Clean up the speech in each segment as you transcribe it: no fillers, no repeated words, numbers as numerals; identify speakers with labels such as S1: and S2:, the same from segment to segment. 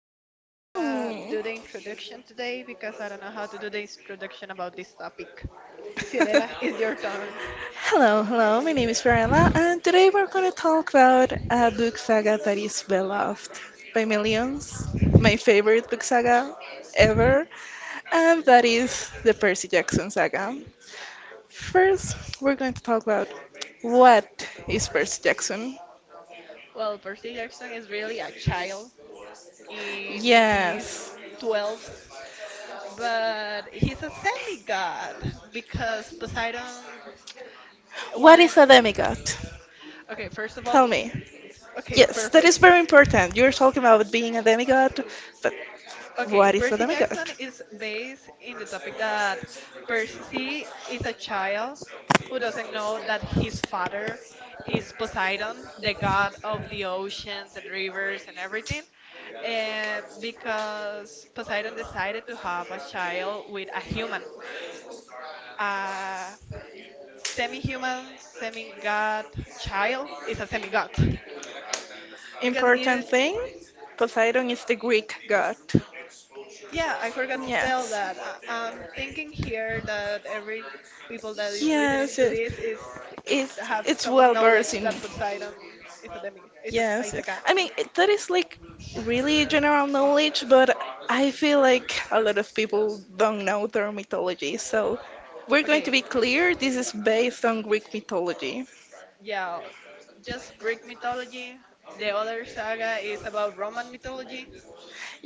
S1: Fiorella is
S2: Hello.
S1: gonna do the introduction today because I don't know how to do the introduction about this topic. Fiorella, it's your turn.
S2: Hello, hello. My name is Varela, and today we're going to talk about a book saga that is beloved by millions. My favorite book saga ever, and that is the Percy Jackson saga. First, we're going to talk about what is Percy Jackson?
S1: Well, Percy Jackson is really a child in
S2: Yes.
S1: his 12th, but he's a semi god because Poseidon
S2: What
S1: wanted.
S2: is a demigod?
S1: Okay, first of
S2: Tell
S1: all,
S2: me.
S1: okay,
S2: Yes, that is
S1: perfect.
S2: very important. You're talking about being a demigod, but
S1: Okay,
S2: what is a
S1: Percy
S2: demigod?
S1: Jackson is based in the topic that Percy is a child who doesn't know that his father is Poseidon, the god of the oceans and rivers and everything, because Poseidon decided to have a child with a human. A semi human, semi god child is a semi god because
S2: Important
S1: it
S2: thing, Poseidon is the Greek god.
S1: Yeah, I forgot to tell
S2: Yes.
S1: that. I'm thinking here that every people that is listening
S2: Yes,
S1: to
S2: yes.
S1: this is
S2: It's
S1: have
S2: it's
S1: common
S2: well versed
S1: knowledge
S2: in.
S1: that Poseidon is a demi
S2: Yes.
S1: is a god.
S2: I mean, that is like really general knowledge, but I feel like a lot of people don't know their mythology. So, we're going to
S1: Okay,
S2: be clear, this is based on Greek mythology.
S1: yeah, just Greek mythology. The other saga is about Roman mythology,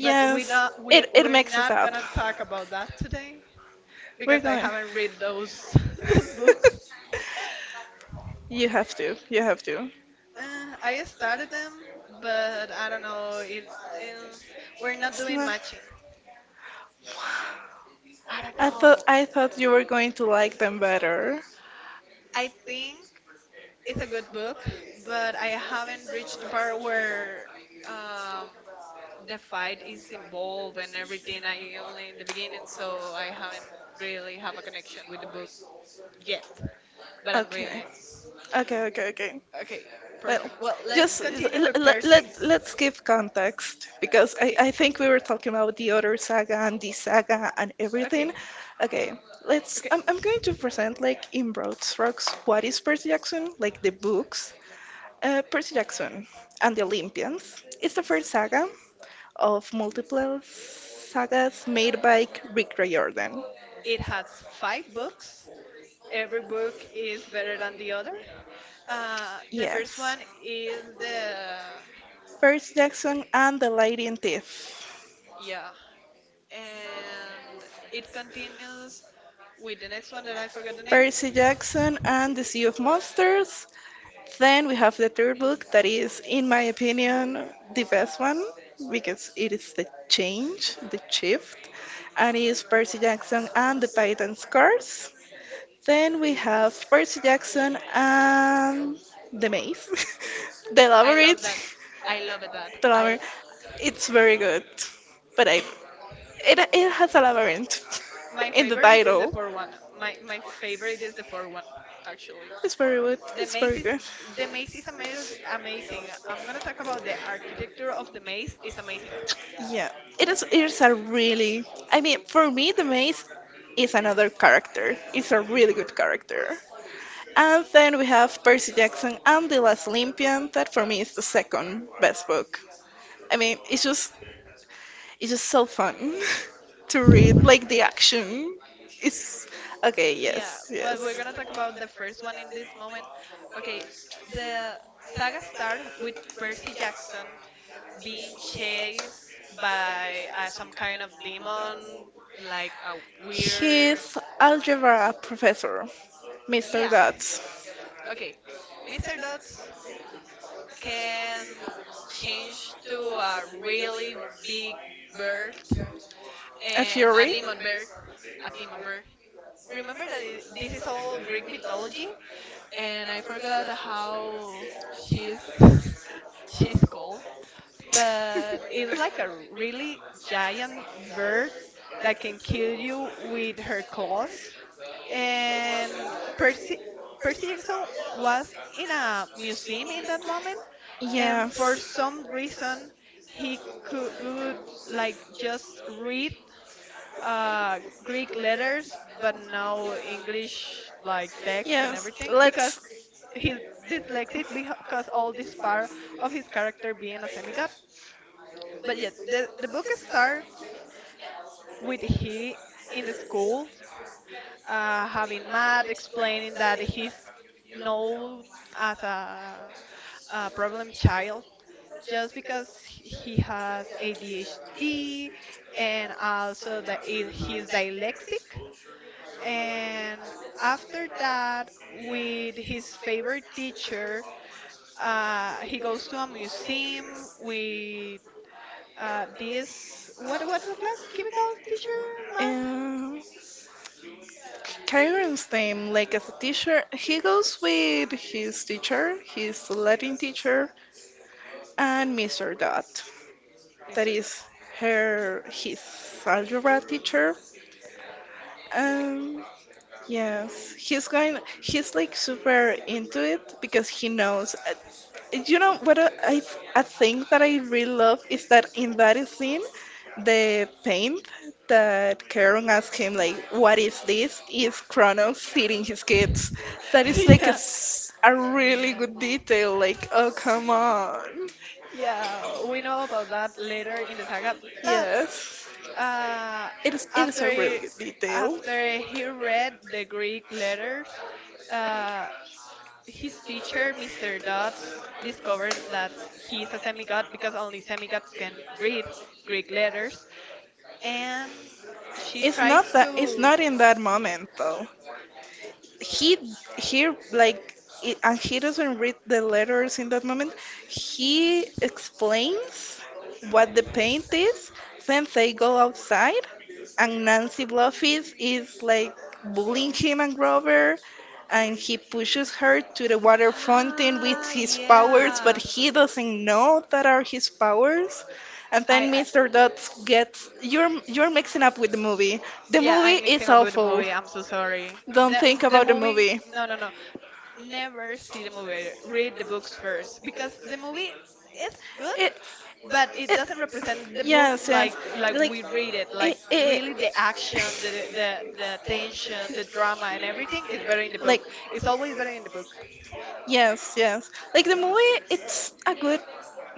S1: but
S2: It
S1: we're
S2: makes us
S1: not
S2: up.
S1: gonna talk about that today
S2: We're
S1: because I
S2: going.
S1: haven't read those those books.
S2: You have to. You have to.
S1: I started them, but I don't know. Um, we're not
S2: It's
S1: doing
S2: not.
S1: matching. I don't
S2: I thought
S1: know.
S2: I thought you were going to like them better.
S1: I think it's a good book, but I haven't reached the part where um, the fight is involved and everything. I only in the beginning, so I haven't really have a connection with the book yet. But I'm reading
S2: Okay.
S1: it.
S2: Okay, okay, okay.
S1: Okay,
S2: Well,
S1: perfect. Well, let's
S2: just
S1: continue
S2: l
S1: with
S2: let, let
S1: Percy.
S2: let's give context, because I
S1: Okay,
S2: I think we were talking about the other saga and the saga and everything.
S1: okay,
S2: Okay, let's
S1: okay.
S2: I'm going to present like in broad strokes what is Percy Jackson, like the books. Percy Jackson and the Olympians. It's the first saga of multiple sagas made by Rick Riordan.
S1: It has five books. Every book is better than the other. The first
S2: Yes,
S1: one is the
S2: Percy Jackson and the Lady and Thief.
S1: Yeah, and it continues with the next one that I forgot the name.
S2: Percy Jackson and the Sea of Monsters. Then we have the third book that is, in my opinion, the best one because it is the change, the shift, and it is Percy Jackson and the Titan's Curse. Then we have Percy Jackson and the Maze, the
S1: I love that.
S2: Labyrinth,
S1: I love it that.
S2: the
S1: I
S2: Labyrinth. It's very good, but I it it has a labyrinth
S1: my
S2: in the
S1: favorite is the
S2: title.
S1: four one. My favorite is the four one actually.
S2: It's very good.
S1: The
S2: It's
S1: maze
S2: very
S1: is
S2: good.
S1: the maze is amazing. Amazing. I'm gonna talk about the architecture of the maze is amazing.
S2: Yeah, it is. It's a really. I mean, for me, the maze is another character. It's a really good character. And then we have Percy Jackson and the Last Olympian. That for me is the second best book. I mean, it's just so fun to read. Like the action is okay.
S1: Yeah,
S2: Yes,
S1: but we're
S2: yes.
S1: gonna talk about the first one in this moment. Okay, the saga starts with Percy Jackson being chased by some kind of demon, like a weird.
S2: He's algebra professor, Mr.
S1: Yeah.
S2: Dutz.
S1: Okay, Mr. Dots can change to a really big bird
S2: A
S1: and a
S2: fury?
S1: demon bird. A demon bird. Remember this is all Greek mythology, and I forgot how she's she's called, but it's like a really giant bird that can kill you with her claws. And Percy Percy Jackson was in a museum in that moment, and for
S2: Yes,
S1: some reason he could like just read Greek letters, but no English like text and
S2: yes.
S1: everything because
S2: Let's.
S1: he's dyslexic because all this part of his character being a semigod. But yeah, the book starts with he in the school having Matt explaining that he's known as a problem child just because he has ADHD and also that he's dyslexic. And after that, with his favorite teacher, he goes to a museum with this. What what's the class? Chemicals teacher, math,
S2: Uh, Kyron's name, like as a teacher, he goes with his teacher, his Latin teacher, and Mr. Dot, that
S1: Mr. Love.
S2: is her his algebra teacher. Um, yes, he's going. He's like super into it because he knows. You know what I think that I really love is that in that scene, the paint that Karen asked him like, "What is this?" is Kronos feeding his kids. That is like a,
S1: Yeah,
S2: s- a really good detail. Like, oh come on,
S1: yeah. We know about that later in the saga, but
S2: yes.
S1: uh,
S2: It is a really
S1: after
S2: good detail.
S1: after he read the Greek letters, uh, his teacher, Mr. Dodds, discovered that he's is a semigod because only semigods can read Greek letters, and she
S2: It's not
S1: tries
S2: that it's
S1: to.
S2: not in that moment though. he he like it, and he doesn't read the letters in that moment. He explains what the paint is. Then they go outside, and Nancy Bluffis is like bullying him and Grover, and he pushes her to the water fountain with
S1: Ah,
S2: his powers, but
S1: yeah.
S2: he doesn't know that are his powers. And then
S1: I
S2: Mr. Dutz gets, you're mixing up with the movie. The
S1: Yeah,
S2: movie
S1: I'm
S2: is
S1: mixing up with the
S2: awful.
S1: movie. I'm so sorry.
S2: Don't
S1: The
S2: think
S1: the
S2: about the
S1: movie.
S2: movie.
S1: No, no, no. Never see the movie. Read the books first because the movie is good,
S2: It,
S1: but it doesn't represent the books
S2: yes,
S1: like
S2: yes.
S1: like
S2: Like
S1: we read it. Like
S2: it,
S1: really, the action, the
S2: it,
S1: the the tension, the drama, and everything is better in the
S2: like
S1: book. It's always better in the book.
S2: yes, yes. Like the movie, it's a good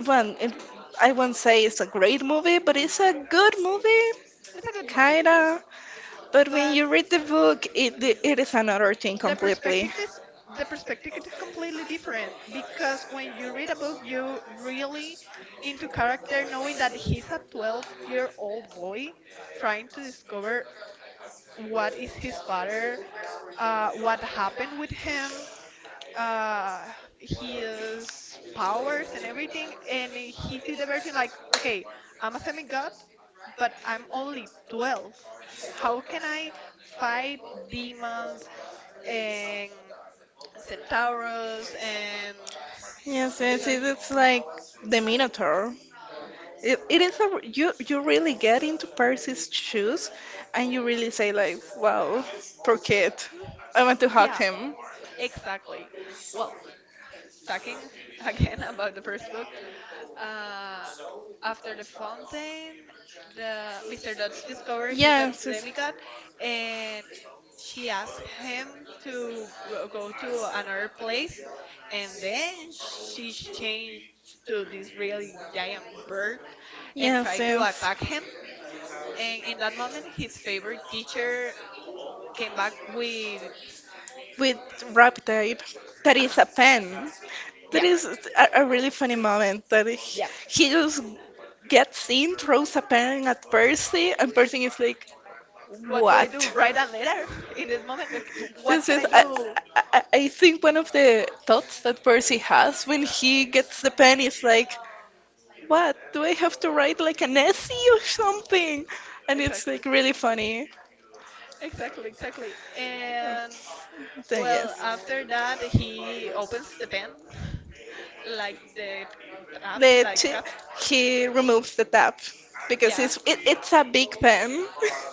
S2: one. I won't say it's a great movie, but it's a good movie,
S1: It's a good movie,
S2: kinda. But when
S1: but
S2: you read the book, it is another thing
S1: the
S2: completely.
S1: perspective is completely different, because when you read a book you really into character, knowing that he's a 12-year-old boy trying to discover what is his father, what happened with him, uh his powers and everything. And he see the version like, okay, I'm a semi-god, but I'm only 12. How can I fight demons and centaurs and
S2: Yes,
S1: these
S2: yes.
S1: are
S2: It's like the Minotaur. It is a you you really get into Percy's shoes, and you really say like, wow, poor kid, I want to hug
S1: yeah,
S2: him.
S1: exactly. Well, talking again about the first book. Uh, after the fountain, the Mr. Dodds discovered his a
S2: Yes, yes,
S1: demigod, and she asked him to go to another place, and then she changed to this really giant bird and
S2: yes.
S1: tried to
S2: Yes.
S1: attack him. And in that moment, his favorite teacher came back with
S2: With rap tape, that is
S1: uh-huh.
S2: a pen. That
S1: Yeah.
S2: is a really funny moment that he,
S1: Yeah.
S2: he just gets in, throws a pen at Percy, and Percy is like,
S1: What do I do?
S2: "What?"
S1: Write a letter in this moment? Okay,
S2: This
S1: what can
S2: is,
S1: I
S2: I,
S1: do?
S2: I I think, one of the thoughts that Percy has when he gets the pen is like, "What? Do I have to write like an essay or something?" And it's
S1: Exactly.
S2: like really funny.
S1: Exactly, exactly. And
S2: Then
S1: well,
S2: yes.
S1: after that, he opens the pen, like the trap,
S2: the
S1: like the
S2: t-
S1: cup.
S2: he removes the tap because
S1: Yeah.
S2: it's a big pen.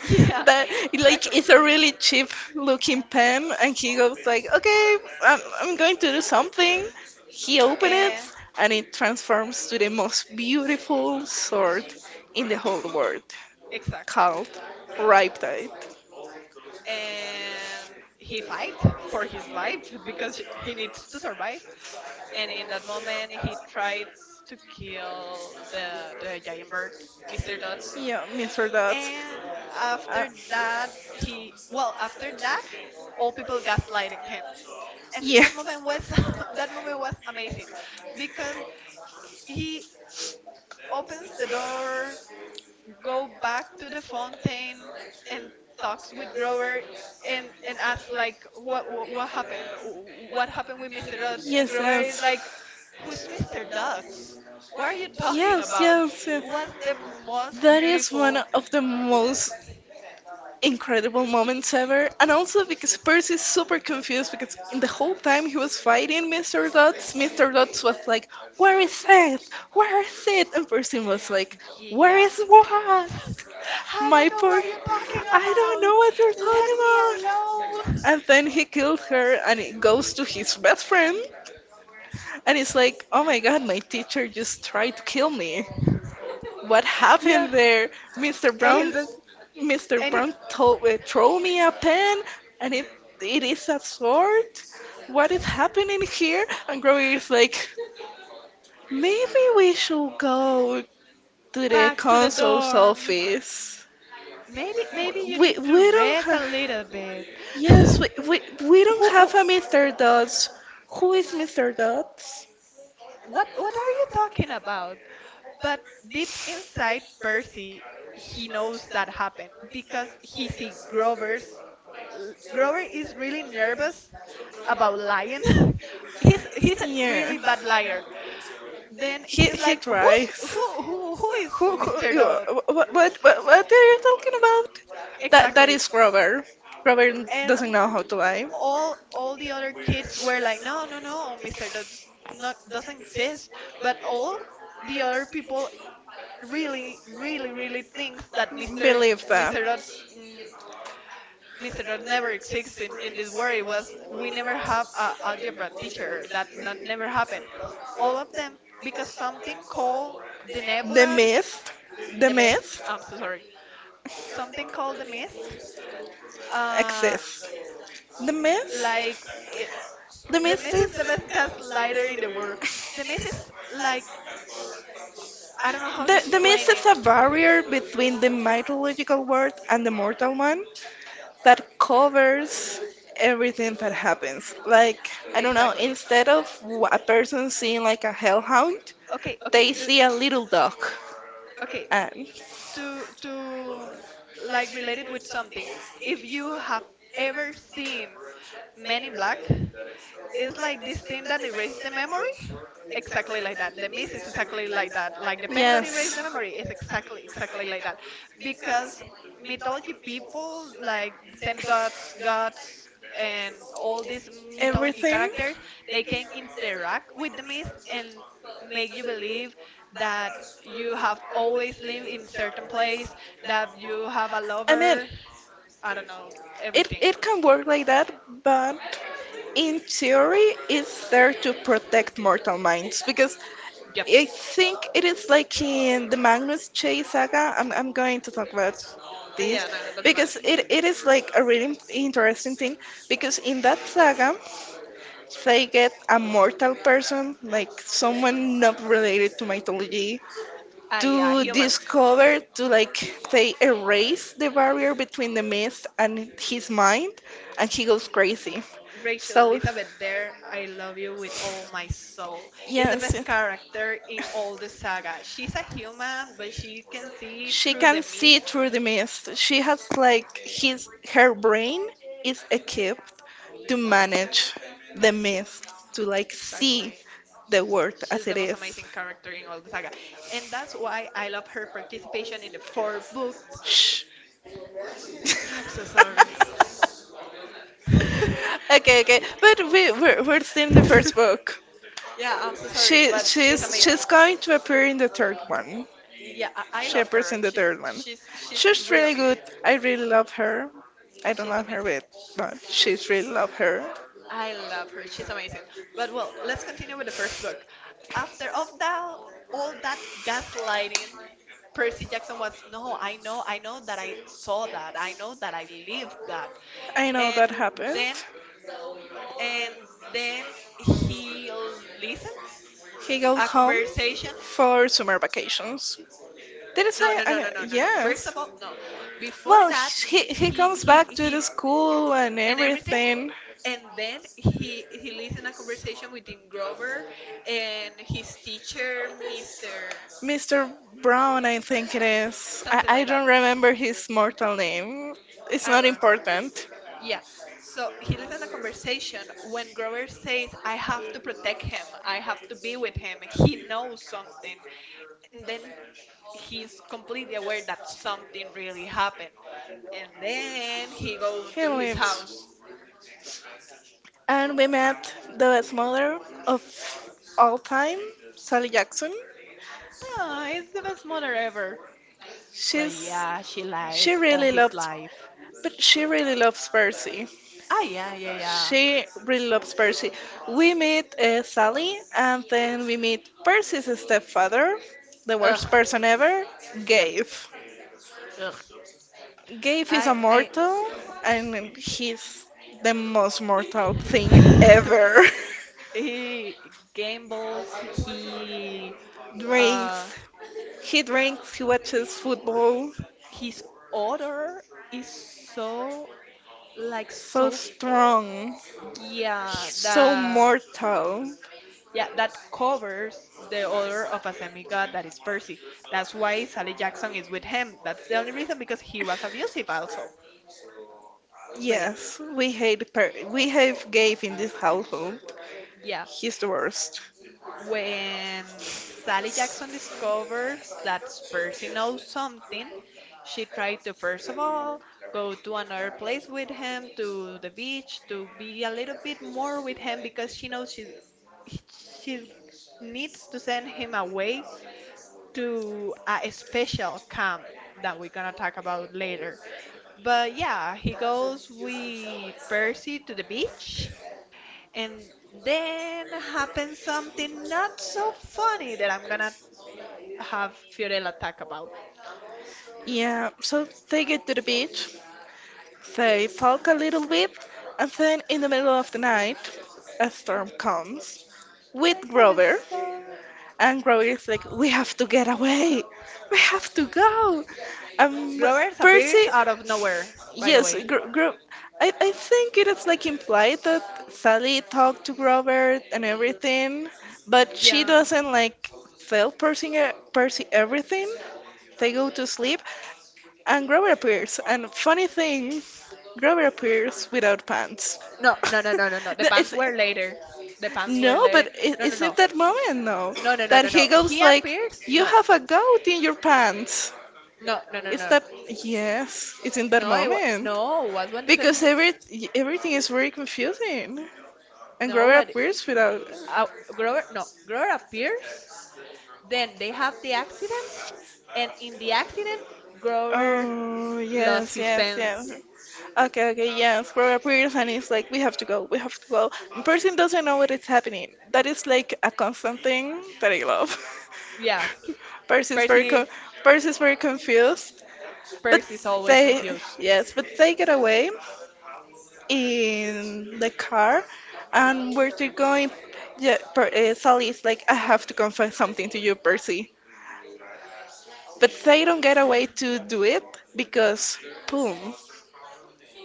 S1: Yeah,
S2: That, like,
S1: exactly.
S2: it's a really cheap looking pen, and he goes like, okay, I'm going to do something. He opens
S1: Uh,
S2: it, and it transforms to the most beautiful sword in the whole world,
S1: Exactly.
S2: called Riptide.
S1: And he fight for his life because he needs to survive. And in that moment, he tries to kill the giant bird, Mr. Dots.
S2: Yeah, Mr. Dots.
S1: And
S2: uh,
S1: after that, he well, all people gaslighting him. And
S2: yeah,
S1: that moment was that moment was amazing because he opens the door, go back to the fountain, and talks with Grover, and asks like, what happened, with Mr. Dutz? And
S2: yes, yes,
S1: Grover is like, who's Mr. Dutz? What are you talking
S2: yes,
S1: about?
S2: yes, yes.
S1: It was the most
S2: That is one
S1: beautiful.
S2: of the most incredible moments ever. And also because Percy's super confused, because in the whole time he was fighting Mr. Dots, Mr. Dots was like, "Where is it? Where is it?" And Percy was like, "Where
S1: Yeah.
S2: is what?
S1: I
S2: My
S1: don't know
S2: poor
S1: what you're talking
S2: I don't
S1: about,
S2: know what you're
S1: let
S2: talking
S1: me
S2: about."
S1: alone.
S2: And then he killed her, and it goes to his best friend, and it's like, "Oh my god, my teacher just tried to kill me. What
S1: Yeah.
S2: happened there? Mr.
S1: And he's
S2: Brown
S1: this,
S2: Mr.
S1: and it,
S2: Brown told, throw me a pen, and it is a sword. What is happening here?" And Grover is like, "Maybe we should go to the
S1: Back to the
S2: consul's
S1: dorms.
S2: office.
S1: Maybe you
S2: We
S1: need to
S2: we don't
S1: rest
S2: have,
S1: a little bit.
S2: yes,
S1: who,
S2: we don't
S1: who-
S2: have a Mr. Dodds. Who is Mr. Dodds?"
S1: what are you talking about? But deep inside Percy, he knows that happened because he see Grover is really nervous about lying. He's a
S2: Yeah.
S1: really bad liar. Then
S2: He
S1: he's
S2: he
S1: like, who's
S2: tries.
S1: who is
S2: Who
S1: Mr.
S2: you-
S1: Dodd?
S2: what are you talking about?" That, that
S1: Exactly.
S2: is Grover. Grover
S1: And
S2: doesn't know how to lie.
S1: all the other kids were like, no, no, no, Mister that does not, doesn't exist, but all the other people really really really thinks that
S2: Believe that.
S1: mr Dot's, mm, mr. Dot never exists in this world. It was, we never have a algebra teacher, that that never happened. All of them, because something called the
S2: The
S1: nebula
S2: myth, the
S1: the mist,
S2: myth
S1: I'm so sorry, something called the mist, uh,
S2: exists. The
S1: Like
S2: myth,
S1: it,
S2: the
S1: the
S2: myth
S1: mess is the
S2: is
S1: best gaslighter in the world. The mess is like s- I don't know how to
S2: the myth
S1: explain
S2: is
S1: it
S2: a barrier between the mythological world and the mortal one, that covers everything that happens. Like, I don't know,
S1: exactly.
S2: instead of a person seeing like a hellhound,
S1: Okay, okay,
S2: they
S1: do
S2: see a little dog.
S1: okay.
S2: And
S1: To like relate it with something. If you have ever seen Men in Black, it's like this thing that erases the memory. Exactly like that. The miss is exactly like that. Like the pen that erased the
S2: yes.
S1: memory is exactly exactly like that. Because mythology people, like semi-gods, gods, and all these mythology
S2: Everything.
S1: characters, they can interact with the myth and make you believe that you have always lived in certain place, that you have a
S2: I mean,
S1: lover, I don't know,
S2: it,
S1: everything.
S2: it can work like that, but in theory, it's there to protect mortal minds, because
S1: Yep.
S2: I think it is like in the Magnus Che saga. I'm going to talk about this,
S1: Yeah, no, it doesn't matter.
S2: because it is like a really interesting thing. Because in that saga, they get a mortal person, like someone not related to mythology,
S1: Ah, yeah,
S2: to
S1: human.
S2: discover, to like, they erase the barrier between the myth and his mind, and he goes crazy.
S1: Rachel
S2: So,
S1: Elizabeth Dare, I love you with all my soul, is the
S2: yes.
S1: best character in all the saga. She's a human, but she can see
S2: She
S1: through the
S2: can see
S1: mist.
S2: through the mist. She has like his her brain is equipped to manage the mist, to like see
S1: Exactly.
S2: the world
S1: She's
S2: as
S1: the
S2: it
S1: most
S2: is.
S1: amazing character in all the saga. And that's why I love her participation in the four book.
S2: Shh.
S1: I'm so sorry.
S2: Okay, okay, but we're still in the first book.
S1: Yeah, I'm so sorry,
S2: She
S1: but she's
S2: she's
S1: amazing.
S2: she's going to appear in the third one.
S1: Yeah, I
S2: She
S1: love
S2: appears
S1: her.
S2: in the third one.
S1: She's
S2: She's
S1: real
S2: really good.
S1: amazing.
S2: I really love her. I don't
S1: She's
S2: love her,
S1: amazing.
S2: but but she's really love her.
S1: I love her. She's amazing. But well, let's continue with the first book. After of that, all that gaslighting, Percy Jackson was no. I know. I know that I saw that. I know that I lived that.
S2: I know
S1: And
S2: that happened.
S1: then and then he listens
S2: He got
S1: a
S2: home
S1: conversation.
S2: for summer vacations. Did I
S1: No,
S2: say?
S1: no,
S2: I
S1: no,
S2: know,
S1: no, no, no, no, first
S2: yes.
S1: of all, no. Before
S2: Well,
S1: that,
S2: he comes back to the
S1: he
S2: school and
S1: and everything.
S2: everything.
S1: And then he leads in a conversation with Dean Grover and his teacher, Mr.
S2: Mr. Brown, I think it
S1: Uh,
S2: is. I,
S1: something
S2: I
S1: like that.
S2: don't remember his mortal name. It's
S1: I don't
S2: not
S1: know.
S2: important.
S1: Yeah. So he lives in a conversation when Grover says, I have to protect him. I have to be with him. He knows something. And then
S2: And
S1: he's completely aware that something really happened. And then he goes
S2: he
S1: to his
S2: lives.
S1: house.
S2: House. And we met the best mother of all time, Sally Jackson.
S1: Ah, it's the best mother ever. But
S2: She's
S1: yeah, she
S2: she
S1: lied all
S2: really
S1: his
S2: loves
S1: life.
S2: she really loves Percy.
S1: Ah, yeah, yeah, yeah.
S2: She really loves Percy. We meet, Sally, and then we meet Percy's stepfather, the
S1: Ugh.
S2: worst person ever,
S1: Yep.
S2: Gabe.
S1: Ugh.
S2: Gabe is a
S1: I.
S2: mortal, and he's the most mortal thing ever.
S1: he gambles. Uh,
S2: drinks. He drinks, he watches football.
S1: his order is so like
S2: So
S1: so.
S2: strong,
S1: Yeah,
S2: so
S1: that
S2: mortal.
S1: Yeah, that covers the odor of a demigod that is Percy. That's why Sally Jackson is with him. That's the only reason because he was abusive also. But yeah,
S2: Yes, we hate we have Gabe in this household.
S1: yeah.
S2: He's the worst.
S1: When Sally Jackson discovers that Percy knows something, she tried to first of all go to another place with him, to the beach, to be a little bit more with him because she knows he- she needs to send him away to a special camp that we're gonna talk about later. But yeah, he goes with Percy to the beach, and then happens something not so funny that I'm gonna have Fiorella talk about.
S2: Yeah, so they get to the beach, they talk a little bit, and then in the middle of the night, a storm comes
S1: When
S2: with
S1: I thought of
S2: Grover,
S1: stuff,
S2: and Chloe is like, "We have to get away. We have to go." Um,
S1: Grover appears
S2: Percy,
S1: out of nowhere. By the
S2: yes,
S1: way,
S2: I think it is like implied that Sally talked to Grover and everything, but she
S1: yeah.
S2: doesn't like tell Percy, Percy everything. They go to sleep, and Grover appears. And funny thing, Grover appears without pants.
S1: No, no, no, no, no, no. The
S2: No,
S1: pants were later. The pants were
S2: no,
S1: later.
S2: but it,
S1: No, no,
S2: it's not
S1: no,
S2: that moment, no.
S1: no, no, no,
S2: That
S1: no,
S2: he
S1: no.
S2: goes
S1: He
S2: like,
S1: appears.
S2: "You
S1: No,
S2: have a goat in your pants."
S1: no, no, no,
S2: It's
S1: no.
S2: that, yes, it's in that
S1: No,
S2: moment,
S1: No. What when does it
S2: because
S1: mean?
S2: everything is very confusing, and
S1: No,
S2: Grover appears without.
S1: uh, Grover. No, Grover appears. Then they have the accident, and in the accident, Grover
S2: Oh
S1: lost
S2: yes,
S1: his
S2: yes,
S1: pants.
S2: yes. Okay, okay, yes. Grover appears, and it's like, "We have to go, we have to go." The person doesn't know what is happening. That is like a constant thing that I love.
S1: Yeah,
S2: Percy is very
S1: Percy.
S2: con- Percy is very confused.
S1: Percy's always
S2: They,
S1: confused.
S2: yes, but they get away in the car, and where they're going, yeah, Sally is like, "I have to confess something to you, Percy." But they don't get away to do it, because, boom,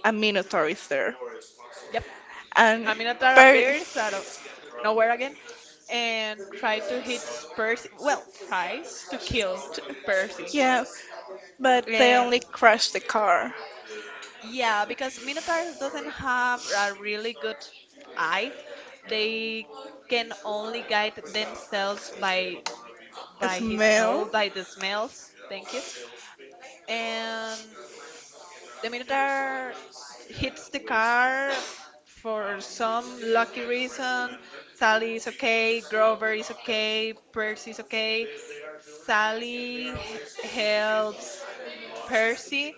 S2: a Minotaur is there,
S1: Yep.
S2: and
S1: I mean,
S2: per,
S1: appears out of nowhere again and try to hit Percy. Well, tries to kill Percy.
S2: yeah, but they
S1: And
S2: only crash the car.
S1: yeah, because Minotaurs doesn't have a really good eye. They can only guide themselves by his
S2: Smell.
S1: nose, by the smells. Thank you. And the Minotaur hits the car for some lucky reason. Sally is okay, Grover is okay, Percy is okay. Sally helps Percy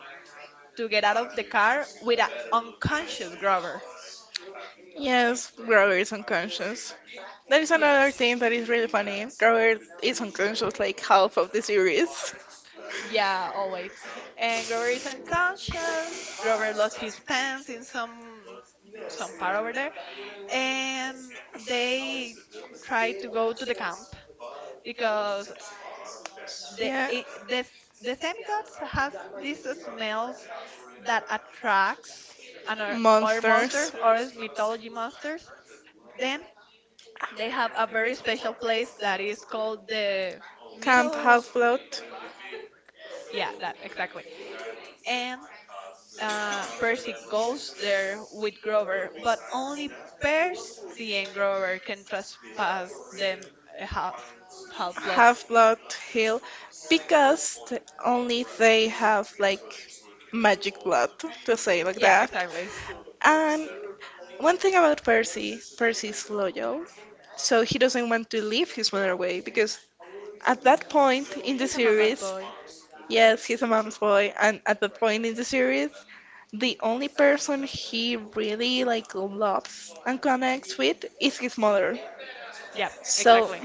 S1: to get out of the car with an unconscious Grover.
S2: Yes, Grover is unconscious. That is
S1: Yeah.
S2: another thing that is really funny. Grover is unconscious like half of the series.
S1: Yeah, always. And Grover is unconscious. Grover lost his pants in some part over there, and they try to go to the camp because the
S2: Yeah.
S1: i- the the semigods has these smells that attracts another other monsters
S2: Monsters.
S1: or is mythology monsters. Then they have a very special place that is called the
S2: Camp
S1: middle.
S2: Half Blood,
S1: Yeah, that exactly. And Percy goes there with Grover, but only Percy and Grover can trespass them, uh, half half blood.
S2: Half Blood Hill, because only they have like magic blood, to say like
S1: Yeah,
S2: that.
S1: exactly.
S2: And one thing about Percy, Percy's loyal. So he doesn't want to leave his mother away because at that point in the
S1: He's a mama's
S2: series,
S1: boy.
S2: yes, he's a mom's boy, and at that point in the series, the only person he really loves and connects with is his mother.
S1: Yeah,
S2: So
S1: exactly.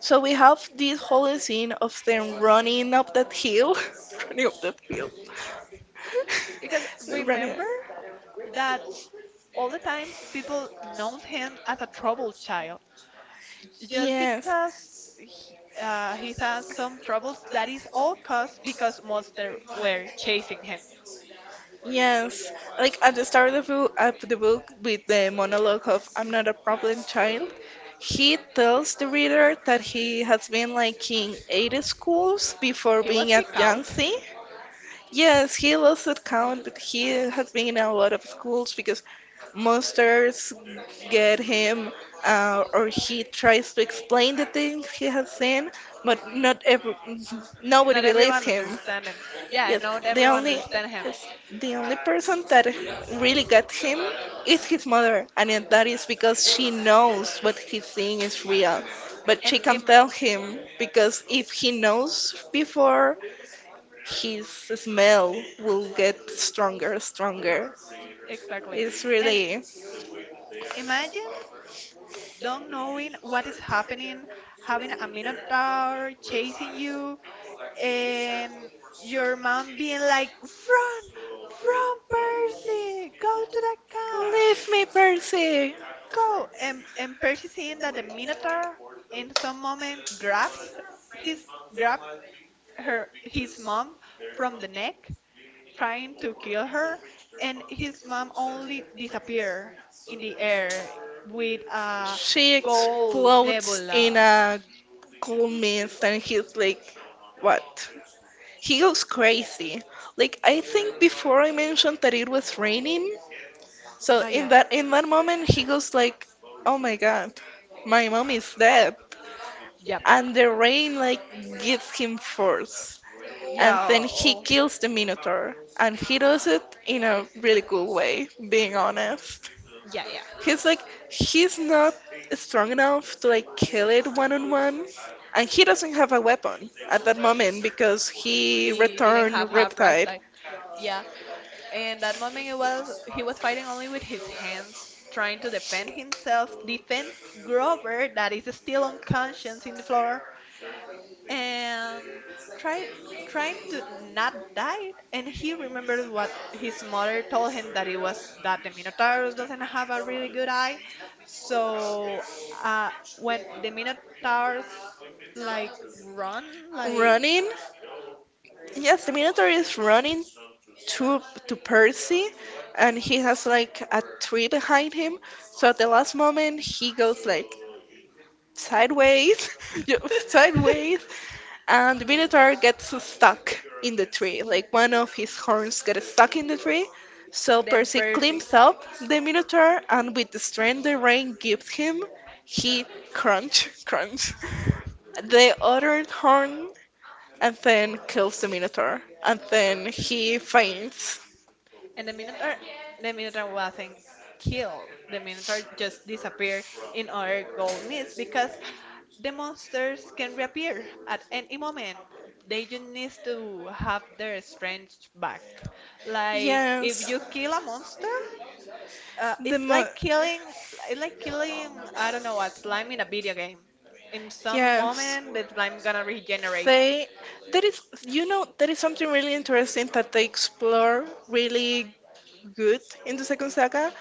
S2: so we have this whole scene of them running up that hill, running up that hill.
S1: Because
S2: They're running.
S1: remember that all the time people known him as a troubled child, just
S2: Yes.
S1: because he's had some troubles, that is all caused because monsters were chasing him.
S2: Yes, like at the start of the book, with the monologue of "I'm not a problem child." He tells the reader that he has been like in 8 schools before
S1: He was
S2: being
S1: kicked
S2: at
S1: out.
S2: Yangtze. Yes, he lost that count, but he has been in a lot of schools because monsters get him, or he tries to explain the things he has seen, but not every, nobody
S1: Not
S2: believes
S1: everyone
S2: him.
S1: understand him. Yeah,
S2: Yes,
S1: not
S2: the
S1: everyone
S2: only
S1: understand him.
S2: yes, the only person that really got him is his mother, and that is because she knows what he's seeing is real, but
S1: And
S2: she can tell him because if he knows before, his smell will get stronger.
S1: exactly.
S2: It's
S1: And
S2: really
S1: imagine don't knowing what is happening, having a minotaur chasing you, and your mom being like, "Run, run, Percy! Go to the camp,
S2: leave me, Percy.
S1: go!" And Percy seeing that the minotaur in some moment grabs his grab her his mom from the neck trying to kill her, and his mom only disappear in the air with a
S2: She
S1: gold
S2: explodes in
S1: nebula.
S2: a comments and he's like, what? He goes crazy. Like I think before I mentioned that it was raining. So
S1: Ah, yeah.
S2: in that moment he goes like, oh my god, my mom is dead.
S1: Yep.
S2: And the rain like gives him force. And
S1: Yeah.
S2: then he
S1: Oh,
S2: kills the Minotaur. And he does it in a really cool way, being honest.
S1: yeah, yeah.
S2: He's like, he's not strong enough to like kill it one on one, and he doesn't have a weapon at that moment because he
S1: He didn't
S2: returned
S1: have half ripe,
S2: Riptide.
S1: like, yeah. And that moment it was he was fighting only with his hands, trying to defend himself, defend Grover that is still unconscious in the floor, and try trying to not die, and he remembers what his mother told him, that it was that the Minotaurus doesn't have a really good eye. So uh, when the Minotaurs, like, run, like
S2: Running, yes, the Minotaur is running to to Percy, and he has like a tree behind him. So at the last moment, he goes like sideways, yeah, sideways, and the Minotaur gets stuck in the tree. Like one of his horns gets stuck in the tree. So
S1: Then
S2: Percy
S1: Percy.
S2: climbs up the Minotaur, and with the strength the rain gives him, he crunch, crunch, the other horn, and then kills the Minotaur. And then he faints.
S1: And the Minotaur wasn't killed. The Minotaur just disappeared in our gold mist because the monsters can reappear at any moment. They just need to have their strength back. Like if
S2: Yes.
S1: you kill a monster,
S2: The
S1: it's
S2: mo-
S1: like killing, it's like killing, I don't know, a slime in a video game. In some
S2: yes.
S1: moment, the slime gonna regenerate.
S2: They, there is, there is something really interesting that they explore really good in the second saga.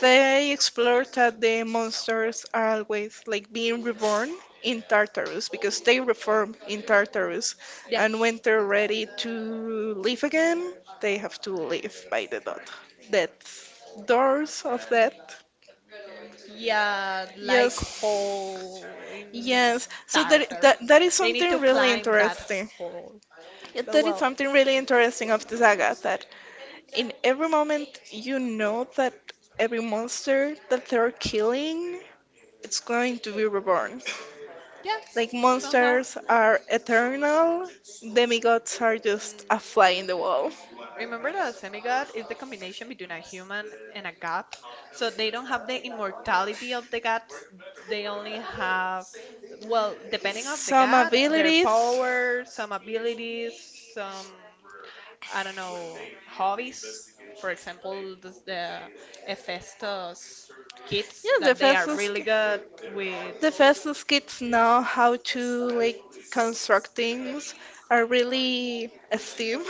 S2: They explore that the monsters are always like being reborn in Tartarus because they reform in Tartarus,
S1: Yeah.
S2: and when they're ready to live again, they have to live by the death, doors of death.
S1: Yeah, like
S2: Yes,
S1: hole in
S2: yes. So
S1: Tartarus.
S2: that is
S1: They need to
S2: something really
S1: climb that
S2: interesting.
S1: hole.
S2: You're
S1: But
S2: doing
S1: well,
S2: something really interesting of the saga that in every moment you know that every monster that they're killing it's going to be reborn.
S1: yeah,
S2: Like
S1: somehow.
S2: monsters are eternal, demigods are just a fly in the wall.
S1: Remember that a demigod is the combination between a human and a god. So they don't have the immortality of the gods. They only have, well, depending of the
S2: Some
S1: god, their
S2: abilities. Yeah,
S1: power, some abilities, some, I don't know, hobbies. For example, the Hephaestus kits
S2: the
S1: that they are
S2: fastest
S1: really good with.
S2: the fastest kids now how to like construct things are really STEAM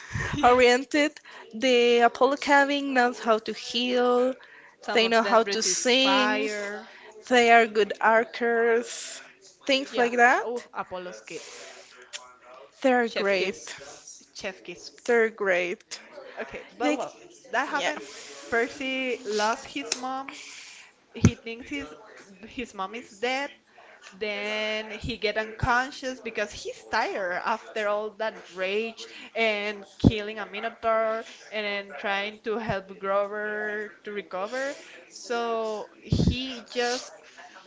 S1: Yeah.
S2: oriented. The Apollo cabin knows how to heal,
S1: Some
S2: they
S1: of
S2: know how
S1: them
S2: to
S1: resist
S2: sing,
S1: fire.
S2: they are good archers, things
S1: Yeah.
S2: like
S1: Oh,
S2: that.
S1: Apollo's kids.
S2: They're
S1: Chef
S2: great.
S1: kiss. Chef kiss.
S2: They're great.
S1: Okay, but
S2: Like
S1: well, that
S2: yeah,
S1: happened. Percy lost his mom. He thinks his mom is dead. Then he get unconscious because he's tired after all that rage and killing a minotaur, and then trying to help Grover to recover, so he just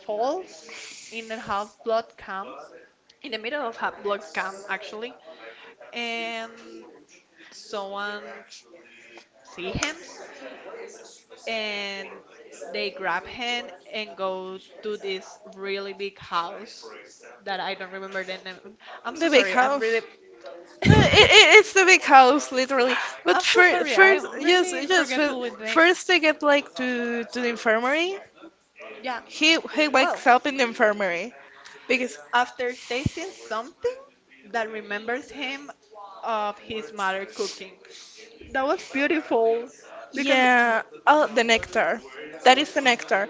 S1: falls in a half blood camp, in the middle of half blood camp actually, and someone see him, and they grab him and go to this really big house that I don't remember the name. I'm so
S2: the big
S1: sorry. I'm
S2: house.
S1: really
S2: No, it's the big house, literally. But
S1: I'm so sorry.
S2: first,
S1: I'm
S2: yes,
S1: really
S2: yes.
S1: forgetful with names.
S2: First, they get like to the infirmary.
S1: Yeah.
S2: He
S1: Well,
S2: wakes up in the infirmary because
S1: after tasting something that remembers him of his mother cooking. That was beautiful because...
S2: yeah, oh the nectar. That is the nectar.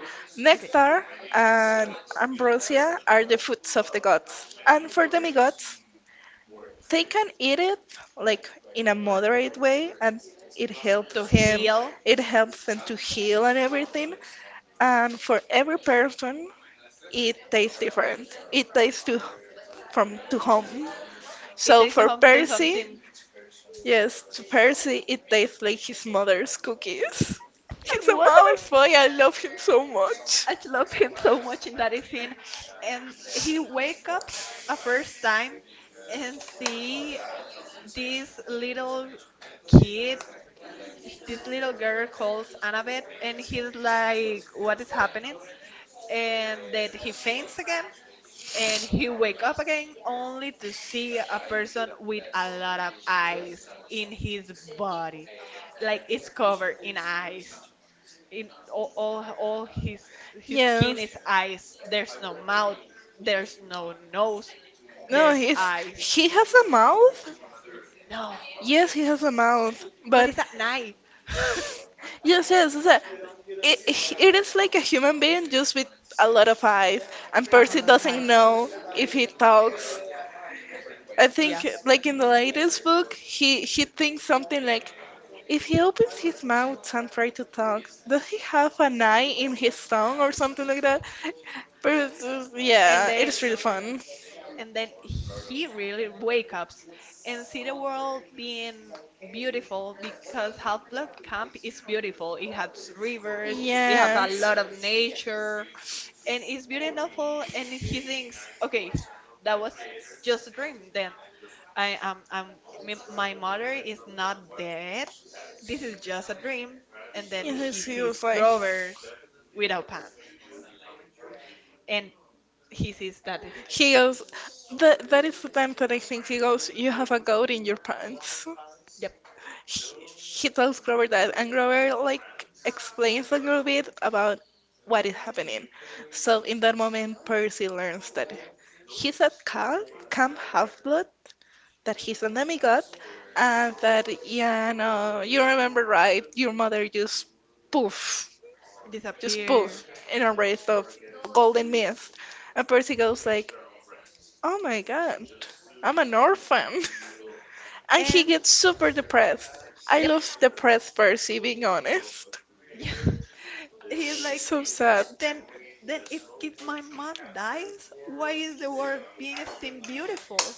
S1: Okay.
S2: Nectar and ambrosia are the foods of the gods. And for demigods, they can eat it like in a moderate way and it
S1: To
S2: helps him
S1: heal.
S2: it helps them to heal and everything. And for every person it tastes different. It tastes to from to home.
S1: It
S2: So
S1: takes
S2: for
S1: him to
S2: Percy,
S1: something.
S2: yes, to Percy, it tastes like his mother's cookies.
S1: And
S2: He's
S1: it
S2: a
S1: was
S2: mouse
S1: amazing.
S2: boy, I love him so much.
S1: I love him so much in that scene. And he wakes up a first time and see this little kid this little girl calls Annabeth, and he's like, what is happening? And then he faints again and he wake up again only to see a person with a lot of eyes in his body. Like, it's covered in eyes. In all his skin is
S2: Yes.
S1: eyes. There's no mouth. There's no nose.
S2: No,
S1: There's
S2: he's
S1: eyes.
S2: he has a mouth.
S1: No.
S2: Yes, he has a mouth,
S1: But
S2: but
S1: it's at night.
S2: yes, yes, it, it is like a human being just with a lot of eyes, and
S1: Have a
S2: Percy
S1: lot of
S2: doesn't
S1: hype.
S2: know if he talks. I
S1: Yeah.
S2: think, like in the latest book, he thinks something like, if he opens his mouth and try to talk, does he have an eye in his tongue or something like that? But it's
S1: Yeah.
S2: yeah, it is really fun.
S1: And then he really wake up and see the world being beautiful because Half Blood Camp is beautiful. It has rivers, it has a
S2: Yes.
S1: lot of nature, and it's beautiful. And he thinks, okay, that was just a dream. Then I am I'm, m- my mother is not dead. This is just a dream. And then he
S2: Yes, he
S1: sees
S2: was like,
S1: Grover's without pants, and he sees that...
S2: he goes, that is the time that I think he goes, you have a goat in your pants.
S1: Yep.
S2: He tells Grover that, and Grover like explains a little bit about what is happening. So in that moment, Percy learns that he's at camp, Camp Half-Blood, that he's a demigod, and that yeah, no, you remember right, your mother poof, just poof
S1: Disappear.
S2: in a wraith of golden mist, and Percy goes like, oh my god, I'm an orphan. And he
S1: And
S2: gets super depressed. I love depressed Percy, being honest.
S1: yeah, he's
S2: He's
S1: like,
S2: so sad.
S1: then then if my mom dies, why is the world being still beautiful?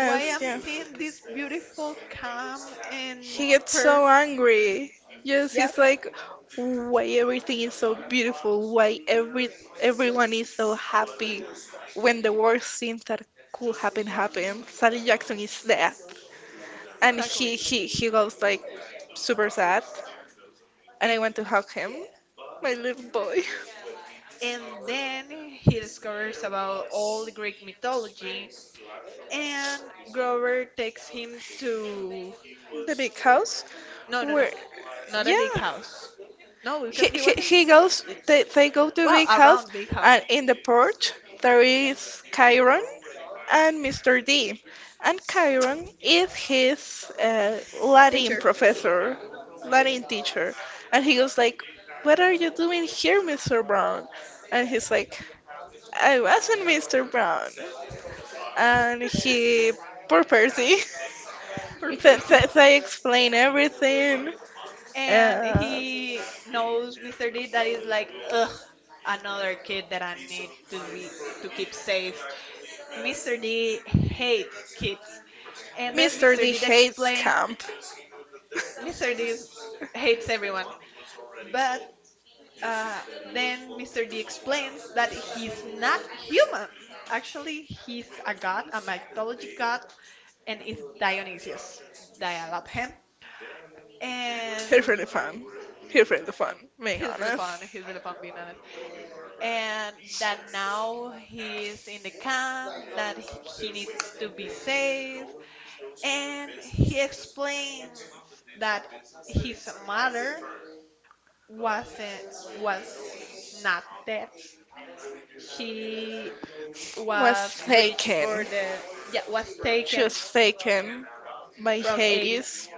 S1: Why am
S2: yeah.
S1: seeing this beautiful, calm and
S2: He gets
S1: per?
S2: so angry. Yes,
S1: Yep.
S2: he's like, why everything is so beautiful? Why everyone is so happy when the worst things that could happen happen? Sally Jackson is dead, and
S1: Exactly.
S2: he goes like super sad. And I want
S1: And
S2: to hug him, my little boy.
S1: and then he discovers about all the Greek mythology, and Grover takes him to...
S2: The big house,
S1: No, no,
S2: where
S1: no, not a big
S2: yeah,
S1: house. No, because he wasn't,
S2: he goes they go to
S1: well,
S2: big house
S1: around big house.
S2: and in the porch there is Chiron and Mr. D and Chiron is his Latin
S1: Teacher.
S2: professor Latin teacher and he goes like what are you doing here Mr. Brown and he's like I wasn't Mr. Brown and he poor Percy
S1: Per person.
S2: they explain everything.
S1: And
S2: uh,
S1: he knows Mr. D that is like, ugh, another kid that I need to be to keep safe. Mr. D hates kids. And then
S2: Mr.
S1: Mr.
S2: D
S1: D
S2: hates
S1: explains...
S2: camp.
S1: Mr. D is- Hates everyone. But uh, then Mr. D explains that he's not human. Actually, he's a god, a mythology god, and is Dionysius. Dial up him. And
S2: He's really fun. He's really fun, being
S1: he's really fun.
S2: honest.
S1: He's really fun, being honest. And that now he's in the camp, that he needs to be safe. And he explains that his mother wasn't was not dead. She
S2: Was
S1: was reached for
S2: taken.
S1: the, yeah, was
S2: She
S1: taken
S2: was taken by
S1: from 80s.
S2: Hades.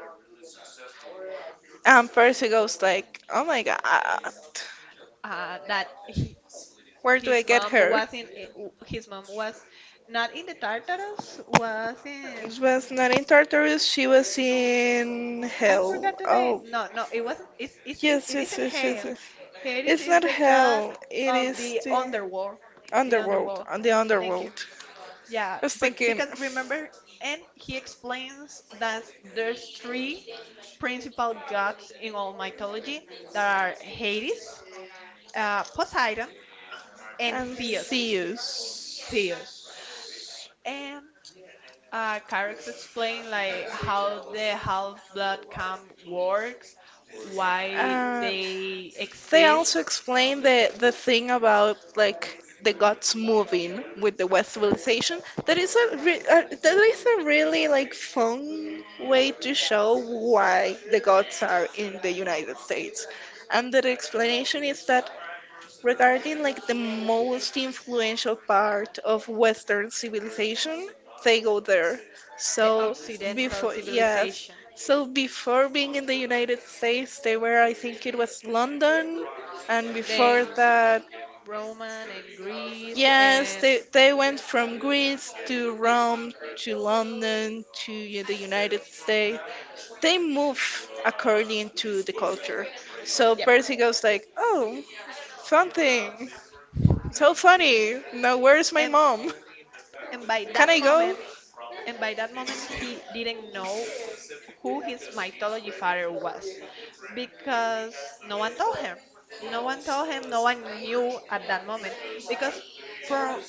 S2: And Percy goes like, oh my god,
S1: Uh, that he,
S2: where do I
S1: his
S2: get
S1: mom
S2: her?
S1: was in, his mom was not in the Tartarus, was in...
S2: It was not in Tartarus, she was in
S1: I
S2: hell.
S1: forgot the name.
S2: Oh,
S1: No, no, it
S2: yes,
S1: it isn't Hades. Hades
S2: It's
S1: is
S2: not
S1: the god
S2: hell, it
S1: of
S2: is
S1: the
S2: the
S1: underworld, the underworld,
S2: on the
S1: thank
S2: underworld.
S1: you. Yeah,
S2: I was
S1: but
S2: thinking
S1: because remember, and he explains that there's three principal gods in all mythology, that are Hades, Poseidon, and
S2: and Theus.
S1: Zeus, and Carex explained like how the Half-Blood Camp works, why
S2: Uh,
S1: they
S2: they also
S1: exist,
S2: explain the thing about like the gods moving with the West civilization. That is a really like fun way to show why the gods are in the United States. And the explanation is that regarding like the most influential part of Western civilization, they go there.
S1: the
S2: So
S1: Occidental
S2: before, yes.
S1: civilization,
S2: So before being in the United States, they were, I think it was London, and
S1: then
S2: before that,
S1: Roman and Greece
S2: yes,
S1: and...
S2: they went from Greece to Rome to London to the United States. They move according to the culture. So
S1: Yep.
S2: Percy goes like, "Oh, something." So funny. Now, where's my
S1: And
S2: mom?
S1: and by
S2: Can
S1: that
S2: I go?
S1: moment, he didn't know who his mythology father was because no one told him, no one knew at that moment, because for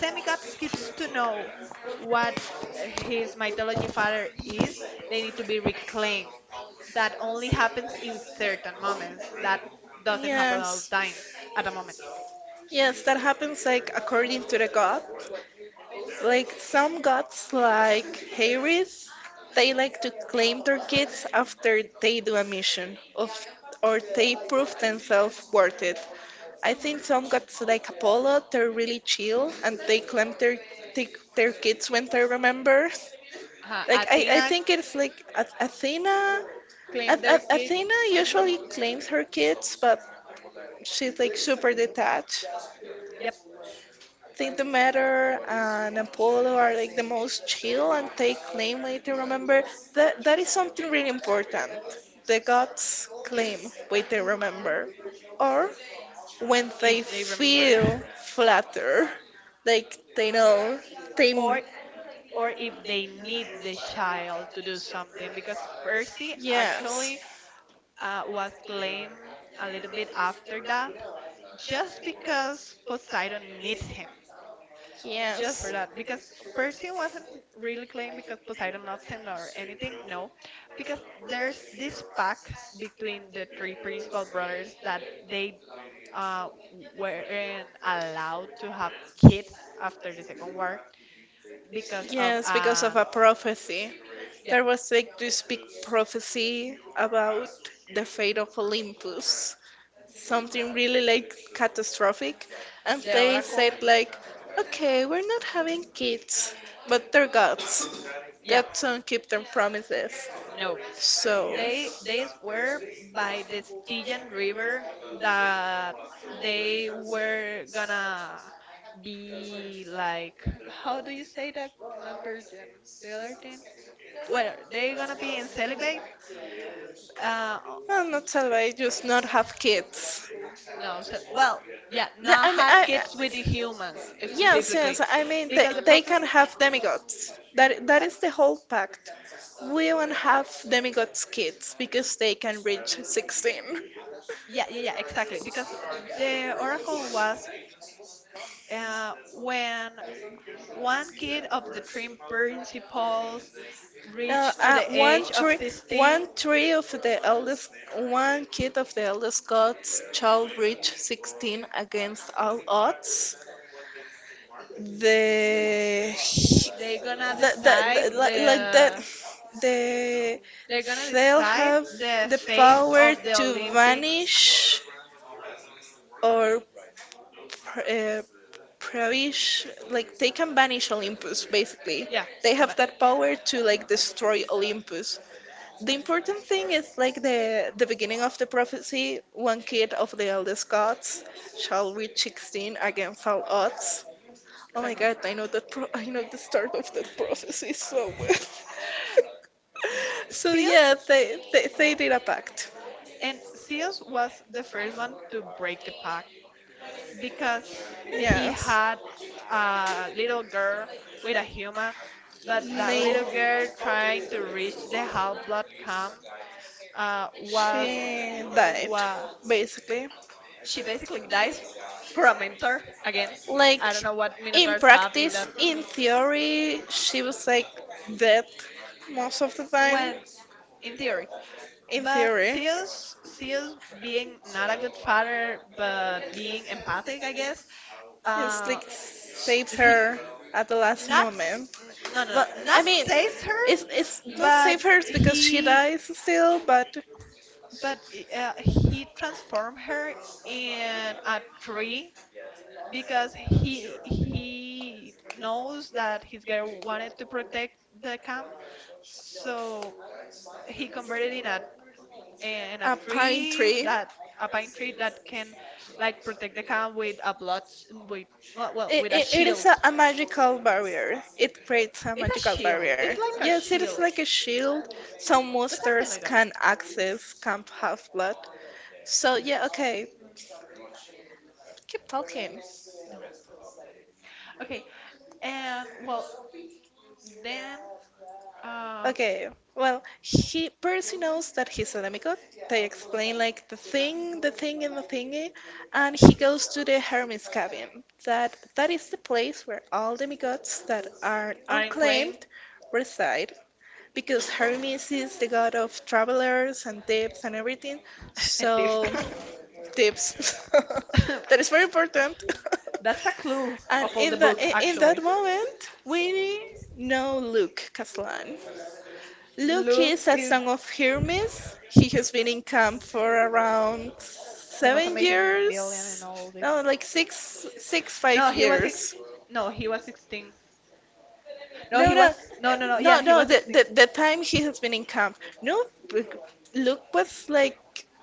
S1: semigods kids to know what his mythology father is, they need to be reclaimed. That only happens in certain moments, that doesn't happen all
S2: Yes.
S1: the time at the moment.
S2: Yes, that happens like according to the god. Like some gods like Hades, they like to claim their kids after they do a mission of or they prove themselves worth it. I
S1: Mhm.
S2: think some gods like Apollo, they're really chill and they claim their take their kids when they remember.
S1: Uh,
S2: I
S1: Athena
S2: think it's like Athena
S1: claimed their kid.
S2: Athena usually claims her kids, but she's like super detached.
S1: Yep,
S2: I think Demeter and Apollo are like the most chill and take claim way to remember. That is something really important. The gods claim way they remember, or when they
S1: if they remember.
S2: feel flatter, like they know they.
S1: or or if they need the child to do something, because Percy
S2: Yes.
S1: actually was claimed a little bit after that, just because Poseidon needs him. Just for
S2: Yes.
S1: that, because Percy wasn't really claimed because Poseidon loves him or anything. No, because there's this pact between the three principal brothers that they uh, weren't allowed to have kids after the Second War because of
S2: Yes, because of
S1: an...
S2: a prophecy.
S1: Yep.
S2: There was like this big prophecy about the fate of Olympus,
S1: Mhm.
S2: something really like catastrophic, and
S1: The
S2: they said
S1: Oracle,
S2: like okay we're not having kids but they're gods,
S1: yeah,
S2: gods don't keep their promises
S1: no.
S2: so
S1: They were by the Stygian River that they were gonna be like, how do you say that? Not virgin. The other thing. Well, they gonna be in celibate. Uh,
S2: well, not salvage just not have kids.
S1: No, so, well, yeah, not
S2: I mean,
S1: had kids with the humans
S2: yes,
S1: specifically,
S2: yes. I mean,
S1: because the
S2: they
S1: prophecy.
S2: can have demigods. That
S1: Yeah,
S2: is the whole pact. We won't have demigods kids because they can reach 16.
S1: yeah, yeah, yeah, exactly. Because the oracle was, when one kid of the three principals
S2: Now,
S1: reach to
S2: uh,
S1: the
S2: one
S1: age of
S2: tree,
S1: 16,
S2: one tree of the eldest, one kid of the eldest gods shall reach 16 against all odds. The
S1: they gonna decide
S2: like that
S1: the...
S2: the
S1: They're gonna
S2: they'll
S1: decide
S2: have
S1: the
S2: the
S1: fate
S2: power
S1: of the
S2: to
S1: Olympic.
S2: vanish or pr- uh, perish, like they can banish Olympus basically,
S1: Yeah,
S2: they have
S1: but
S2: that power to like destroy Olympus. The important thing is like the beginning of the prophecy: one kid of the eldest gods shall reach 16 against all odds. Oh my
S1: exactly.
S2: god, I know that I know the start of that prophecy so well. So
S1: Seals
S2: yeah, they did a pact.
S1: and Seals was the first one to break the pact because he
S2: Yes,
S1: had a little girl with a human, but that little girl
S2: they
S1: trying to reach the half blood camp, was...
S2: she died
S1: Wow.
S2: basically.
S1: She basically dies for a mentor again.
S2: Like
S1: I don't know what
S2: in
S1: minotaurs have in
S2: practice,
S1: that,
S2: in theory, she was like dead most of the time.
S1: when in theory.
S2: In
S1: But
S2: theory,
S1: Zeus being not a good father but being empathic I guess.
S2: it's
S1: Uh
S2: like saves
S1: he,
S2: her at the last
S1: not s-
S2: moment.
S1: n- no, no, no,
S2: But I
S1: not
S2: mean,
S1: saves her,
S2: it's not
S1: but
S2: save her because she
S1: he,
S2: dies still, but
S1: but he transformed her in a tree because he knows that his girl wanted to protect the camp, so he converted in a,
S2: A pine
S1: tree
S2: tree. Tree.
S1: that a pine tree that can like protect the camp with a blood sh- with well, with a
S2: It is
S1: shield.
S2: a magical barrier. It creates a it's a
S1: It's a
S2: magical shield.
S1: shield.
S2: Barrier.
S1: It's
S2: It's like a
S1: like a
S2: yes, it shield. Is
S1: shield,
S2: like a shield. Some
S1: but something
S2: monsters
S1: like that.
S2: can access can't Half Blood. So, yeah, okay. Keep talking.
S1: No. Okay, and well then uh,
S2: Okay, well, he Percy knows that he's an demigod. They explain like and the thingy, and he goes to the Hermit's cabin. That is the place where all demigods that are
S1: Iron Claim.
S2: unclaimed reside, because Hermes is the god of travelers and tips and everything.
S1: And Thief.
S2: So tips, that is very important.
S1: That's a clue
S2: And
S1: of all the book,
S2: in
S1: actually.
S2: that moment, we know Luke Caslan. Luke
S1: Luke
S2: is a
S1: is
S2: son of Hermes. He has been in camp for around
S1: the most
S2: seven
S1: amazing villain
S2: years.
S1: in all this.
S2: No, like six, five
S1: No, he was six.
S2: years.
S1: No, he was 16. No,
S2: No,
S1: he
S2: no,
S1: was. No, no, no. Yeah,
S2: no,
S1: he
S2: no.
S1: was
S2: The,
S1: 16.
S2: the, the time he has been in camp. No, b- Luke was like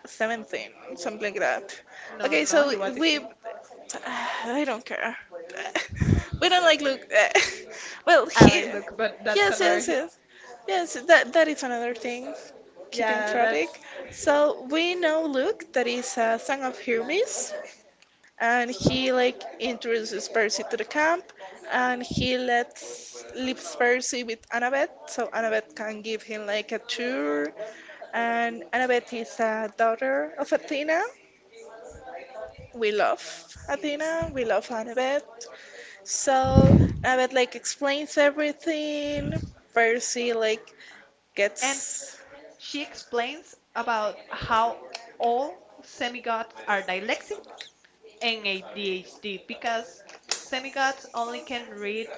S2: 17, something like that.
S1: No,
S2: Okay,
S1: no, no.
S2: so
S1: He was
S2: we.
S1: 16.
S2: I don't care. We don't like Luke. Well,
S1: I
S2: he.
S1: like Luke, but that's
S2: Yes,
S1: another.
S2: yes,
S1: He,
S2: yes. Yes, that is another thing, keeping
S1: yeah,
S2: traffic.
S1: that's.
S2: So we know Luke, that is a son of Hermes, and he like introduces Percy to the camp, and he lets leaves Percy with Annabeth, so Annabeth can give him like a tour. And Annabeth is a daughter of Athena. We love Athena. We love Annabeth. So Annabeth like explains everything. Percy like
S1: And
S2: gets
S1: she explains about how all semigods are dyslexic and ADHD because semigods only can read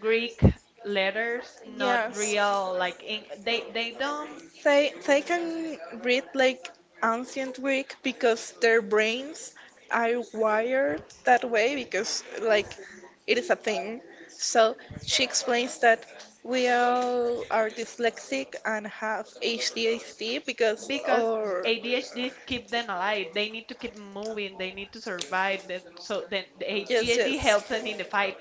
S1: Greek letters, not
S2: yeah.
S1: real like they don't
S2: They can read like ancient Greek because their brains are wired that way because like it is a thing. So she explains that we all are dyslexic and have ADHD because
S1: because
S2: or
S1: ADHD keep them alive. They need to keep moving. They need to survive. So then the
S2: yes,
S1: ADHD
S2: yes,
S1: helps them in the fight.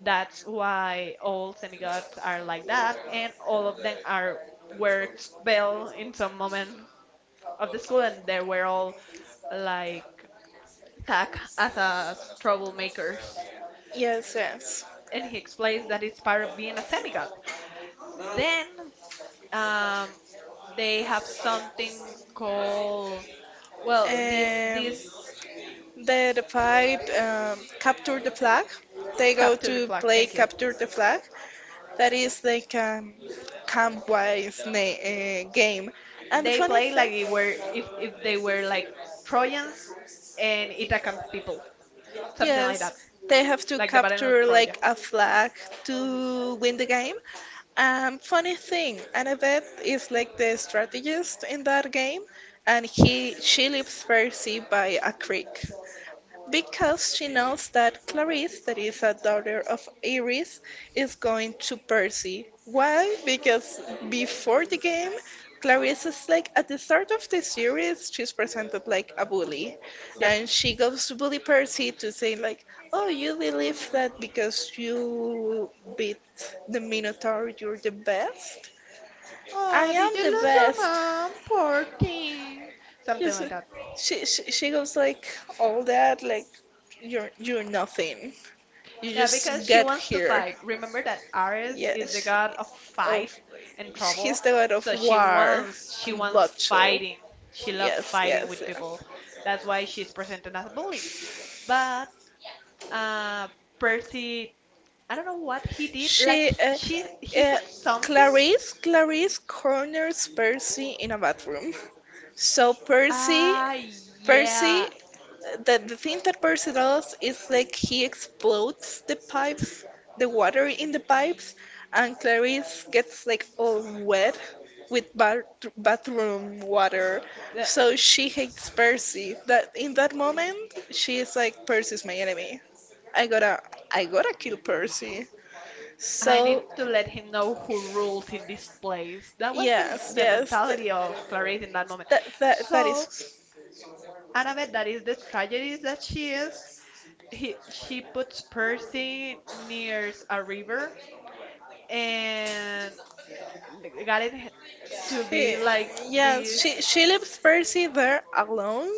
S1: That's why all semigods are like that, and all of them are were expelled in some moment of the school, and they were all like tagged as troublemakers.
S2: yes, yes.
S1: And he explains that it's part of being a semigod. Then um, they have something called well this
S2: Um,
S1: this
S2: They fight capture the flag. They go
S1: capture
S2: to
S1: the flag.
S2: play
S1: Thank you.
S2: capture the flag. That is like a camp-wise game. And the
S1: They
S2: funny
S1: play like
S2: thing,
S1: it were if they were like Trojans and Ithacan people, something like
S2: yes,
S1: that,
S2: they have to
S1: like the Battle of
S2: capture
S1: Troya.
S2: like a flag to win the game. Funny thing, Annabeth is like the strategist in that game, and he she lives very by a creek. Because she knows that Clarice, that is a daughter of Iris, is going to Percy. Why? Because before the game, Clarice is like at the start of the series, she's presented like a bully,
S1: Yep.
S2: and she goes to bully Percy to say like, "Oh, you believe that because you beat the Minotaur, you're the best? I
S1: Oh, did
S2: am
S1: you
S2: the
S1: lose your
S2: best."
S1: mom? Poor thing. Something
S2: Yes.
S1: like that.
S2: She goes like all that like, you're nothing." You
S1: Yeah, because
S2: just
S1: she
S2: get
S1: wants to
S2: here.
S1: fight. Remember that Ares is the
S2: Yes.
S1: god of fight
S2: Of
S1: and trouble,
S2: he's the god of
S1: so she
S2: war
S1: wants she
S2: and
S1: wants
S2: bloodshed.
S1: fighting. She loves
S2: Yes,
S1: fighting
S2: yes, yes,
S1: with people.
S2: yeah.
S1: That's why she's presented as a bully. But uh, Percy, I don't know what he did. Like
S2: She, uh,
S1: she he
S2: uh,
S1: said something.
S2: Clarice, Clarice corners Percy in a bathroom. So Percy,
S1: Ah,
S2: Percy
S1: yeah.
S2: the thing that Percy does is like he explodes the pipes, the water in the pipes, and Clarice gets like all wet with bathroom water.
S1: The,
S2: So she hates Percy. That in that moment, she is like, Percy's my enemy. I gotta, I gotta kill Percy.
S1: I So need
S2: So
S1: to let him know who rules in this place. That was the,
S2: yes,
S1: the yes. mentality of Clarice in that moment.
S2: that that that is.
S1: Annabeth, that is the tragedy that she is. She puts Percy near a river and got it to
S2: Eh,
S1: be like
S2: yeah,
S1: this.
S2: she leaves Percy there alone,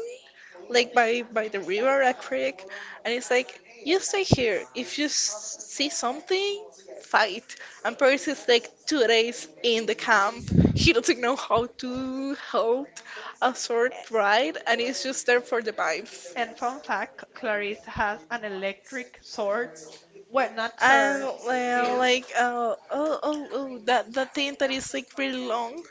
S2: like by the river, a creek, and it's like you stay here. If you see something, fight. And Percy's like 2 days in the camp. He doesn't know how to hold a sword right, and he's just there for the vibes.
S1: And fun fact, Clarice has an electric sword. Well, not
S2: And
S1: sword, is
S2: like oh that thing that is like really long.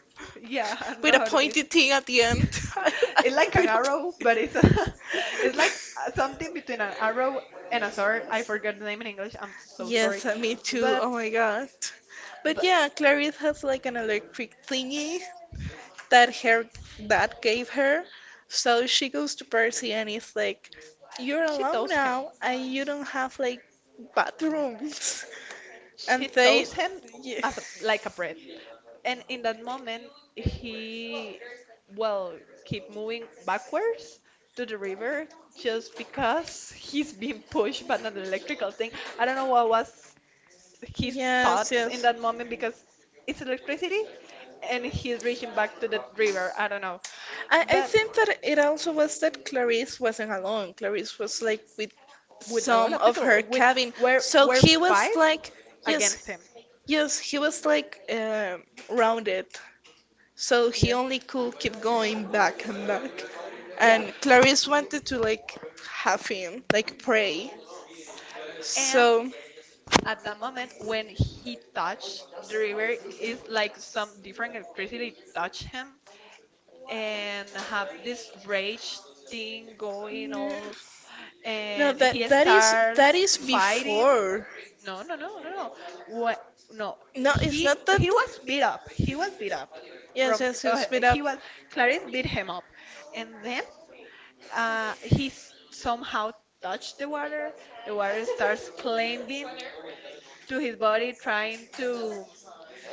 S1: yeah, I don't
S2: With
S1: know
S2: a
S1: how to say.
S2: pointed thing at the end.
S1: It's like an
S2: With
S1: arrow, but it's like something between an arrow and a
S2: a-
S1: sword. I forgot the name in English. I'm so sorry,
S2: yes, me too.
S1: but
S2: Oh my god. But
S1: but
S2: yeah, Clarice has like an electric thingy that her dad gave her. So she goes to Percy and he's like, you're
S1: she
S2: alone
S1: tells him.
S2: now and you don't have like bathrooms. And
S1: She
S2: they.
S1: toasts him
S2: Ye-.
S1: as a, like a bread, and in that moment he will keep moving backwards to the river just because he's being pushed by an electrical thing. I don't know what was his
S2: Yes,
S1: thoughts in
S2: yes.
S1: that moment because it's electricity and he's reaching back to the river. I don't know,
S2: I
S1: but
S2: think that it also was that Clarice wasn't alone. Clarice was like with
S1: with a lot
S2: some
S1: of
S2: of her
S1: people with
S2: cabin.
S1: were
S2: So
S1: were
S2: he was
S1: five
S2: like, yes,
S1: against him.
S2: yes, he was like rounded. So
S1: Yeah.
S2: he only could keep going back and back.
S1: Yeah.
S2: And Clarice wanted to like have him, like pray.
S1: And
S2: So
S1: at the moment when he touched the river, it's like some different electricity touched him and have this rage thing going
S2: no,
S1: all
S2: no,
S1: and
S2: that
S1: he
S2: that is
S1: starts
S2: that is
S1: fighting.
S2: before.
S1: No, no, no, no, no. What? No,
S2: No, it's
S1: he
S2: not that.
S1: he was beat up. He was beat up
S2: Yes,
S1: from
S2: yes, he'll speed up.
S1: he was Clarice beat him up, and then. He somehow touched the water. The water starts climbing to his body, trying to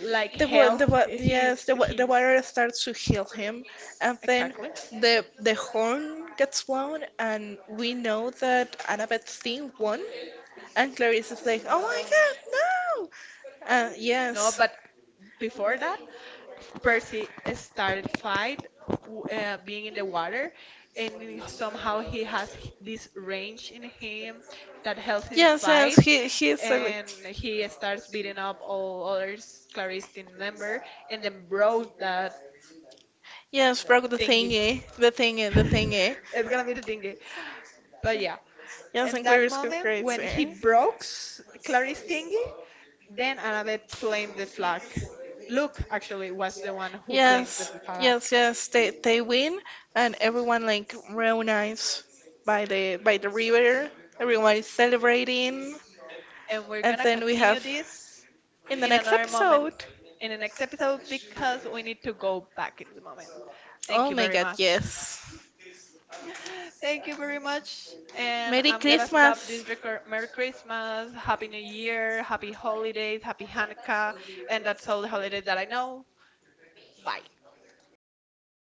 S1: like help
S2: Yes,
S1: his
S2: the
S1: his
S2: water starts to heal him, and then
S1: exactly.
S2: the horn gets blown, and we know that Annabeth Stein won. And Clarice is like, "Oh my God, no!"
S1: No,
S2: Yes,
S1: but before that. Percy started fight being in the water, and somehow he has this range in him that helps him
S2: yes, yes.
S1: fight,
S2: He's like,
S1: and he starts beating up all other Clarice team member, and then broke that
S2: yes,
S1: uh,
S2: broke the
S1: thingy.
S2: thingy, the thingy, the thingy.
S1: It's gonna be the thingy, but yeah.
S2: Yes,
S1: In
S2: and
S1: that
S2: Clarice goes
S1: moment, when he
S2: crazy.
S1: broke Clarice thingy, then Annabeth claimed the flag. Luke actually was the one who claims the
S2: Yes,
S1: flag.
S2: yes, yes. They win, and everyone like reunites by the river. Everyone is celebrating,
S1: And we're
S2: and
S1: gonna
S2: then we have
S1: continue this
S2: in the
S1: in
S2: next
S1: another moment,
S2: episode.
S1: in the next episode, because we need to go back in the moment. Thank
S2: Oh
S1: you
S2: my
S1: very
S2: God,
S1: much.
S2: yes.
S1: Thank you very much. And
S2: Merry
S1: I'm gonna stop
S2: Christmas.
S1: this record. Merry Christmas, Happy New Year, Happy Holidays, Happy Hanukkah, and that's all the holidays that I know. Bye.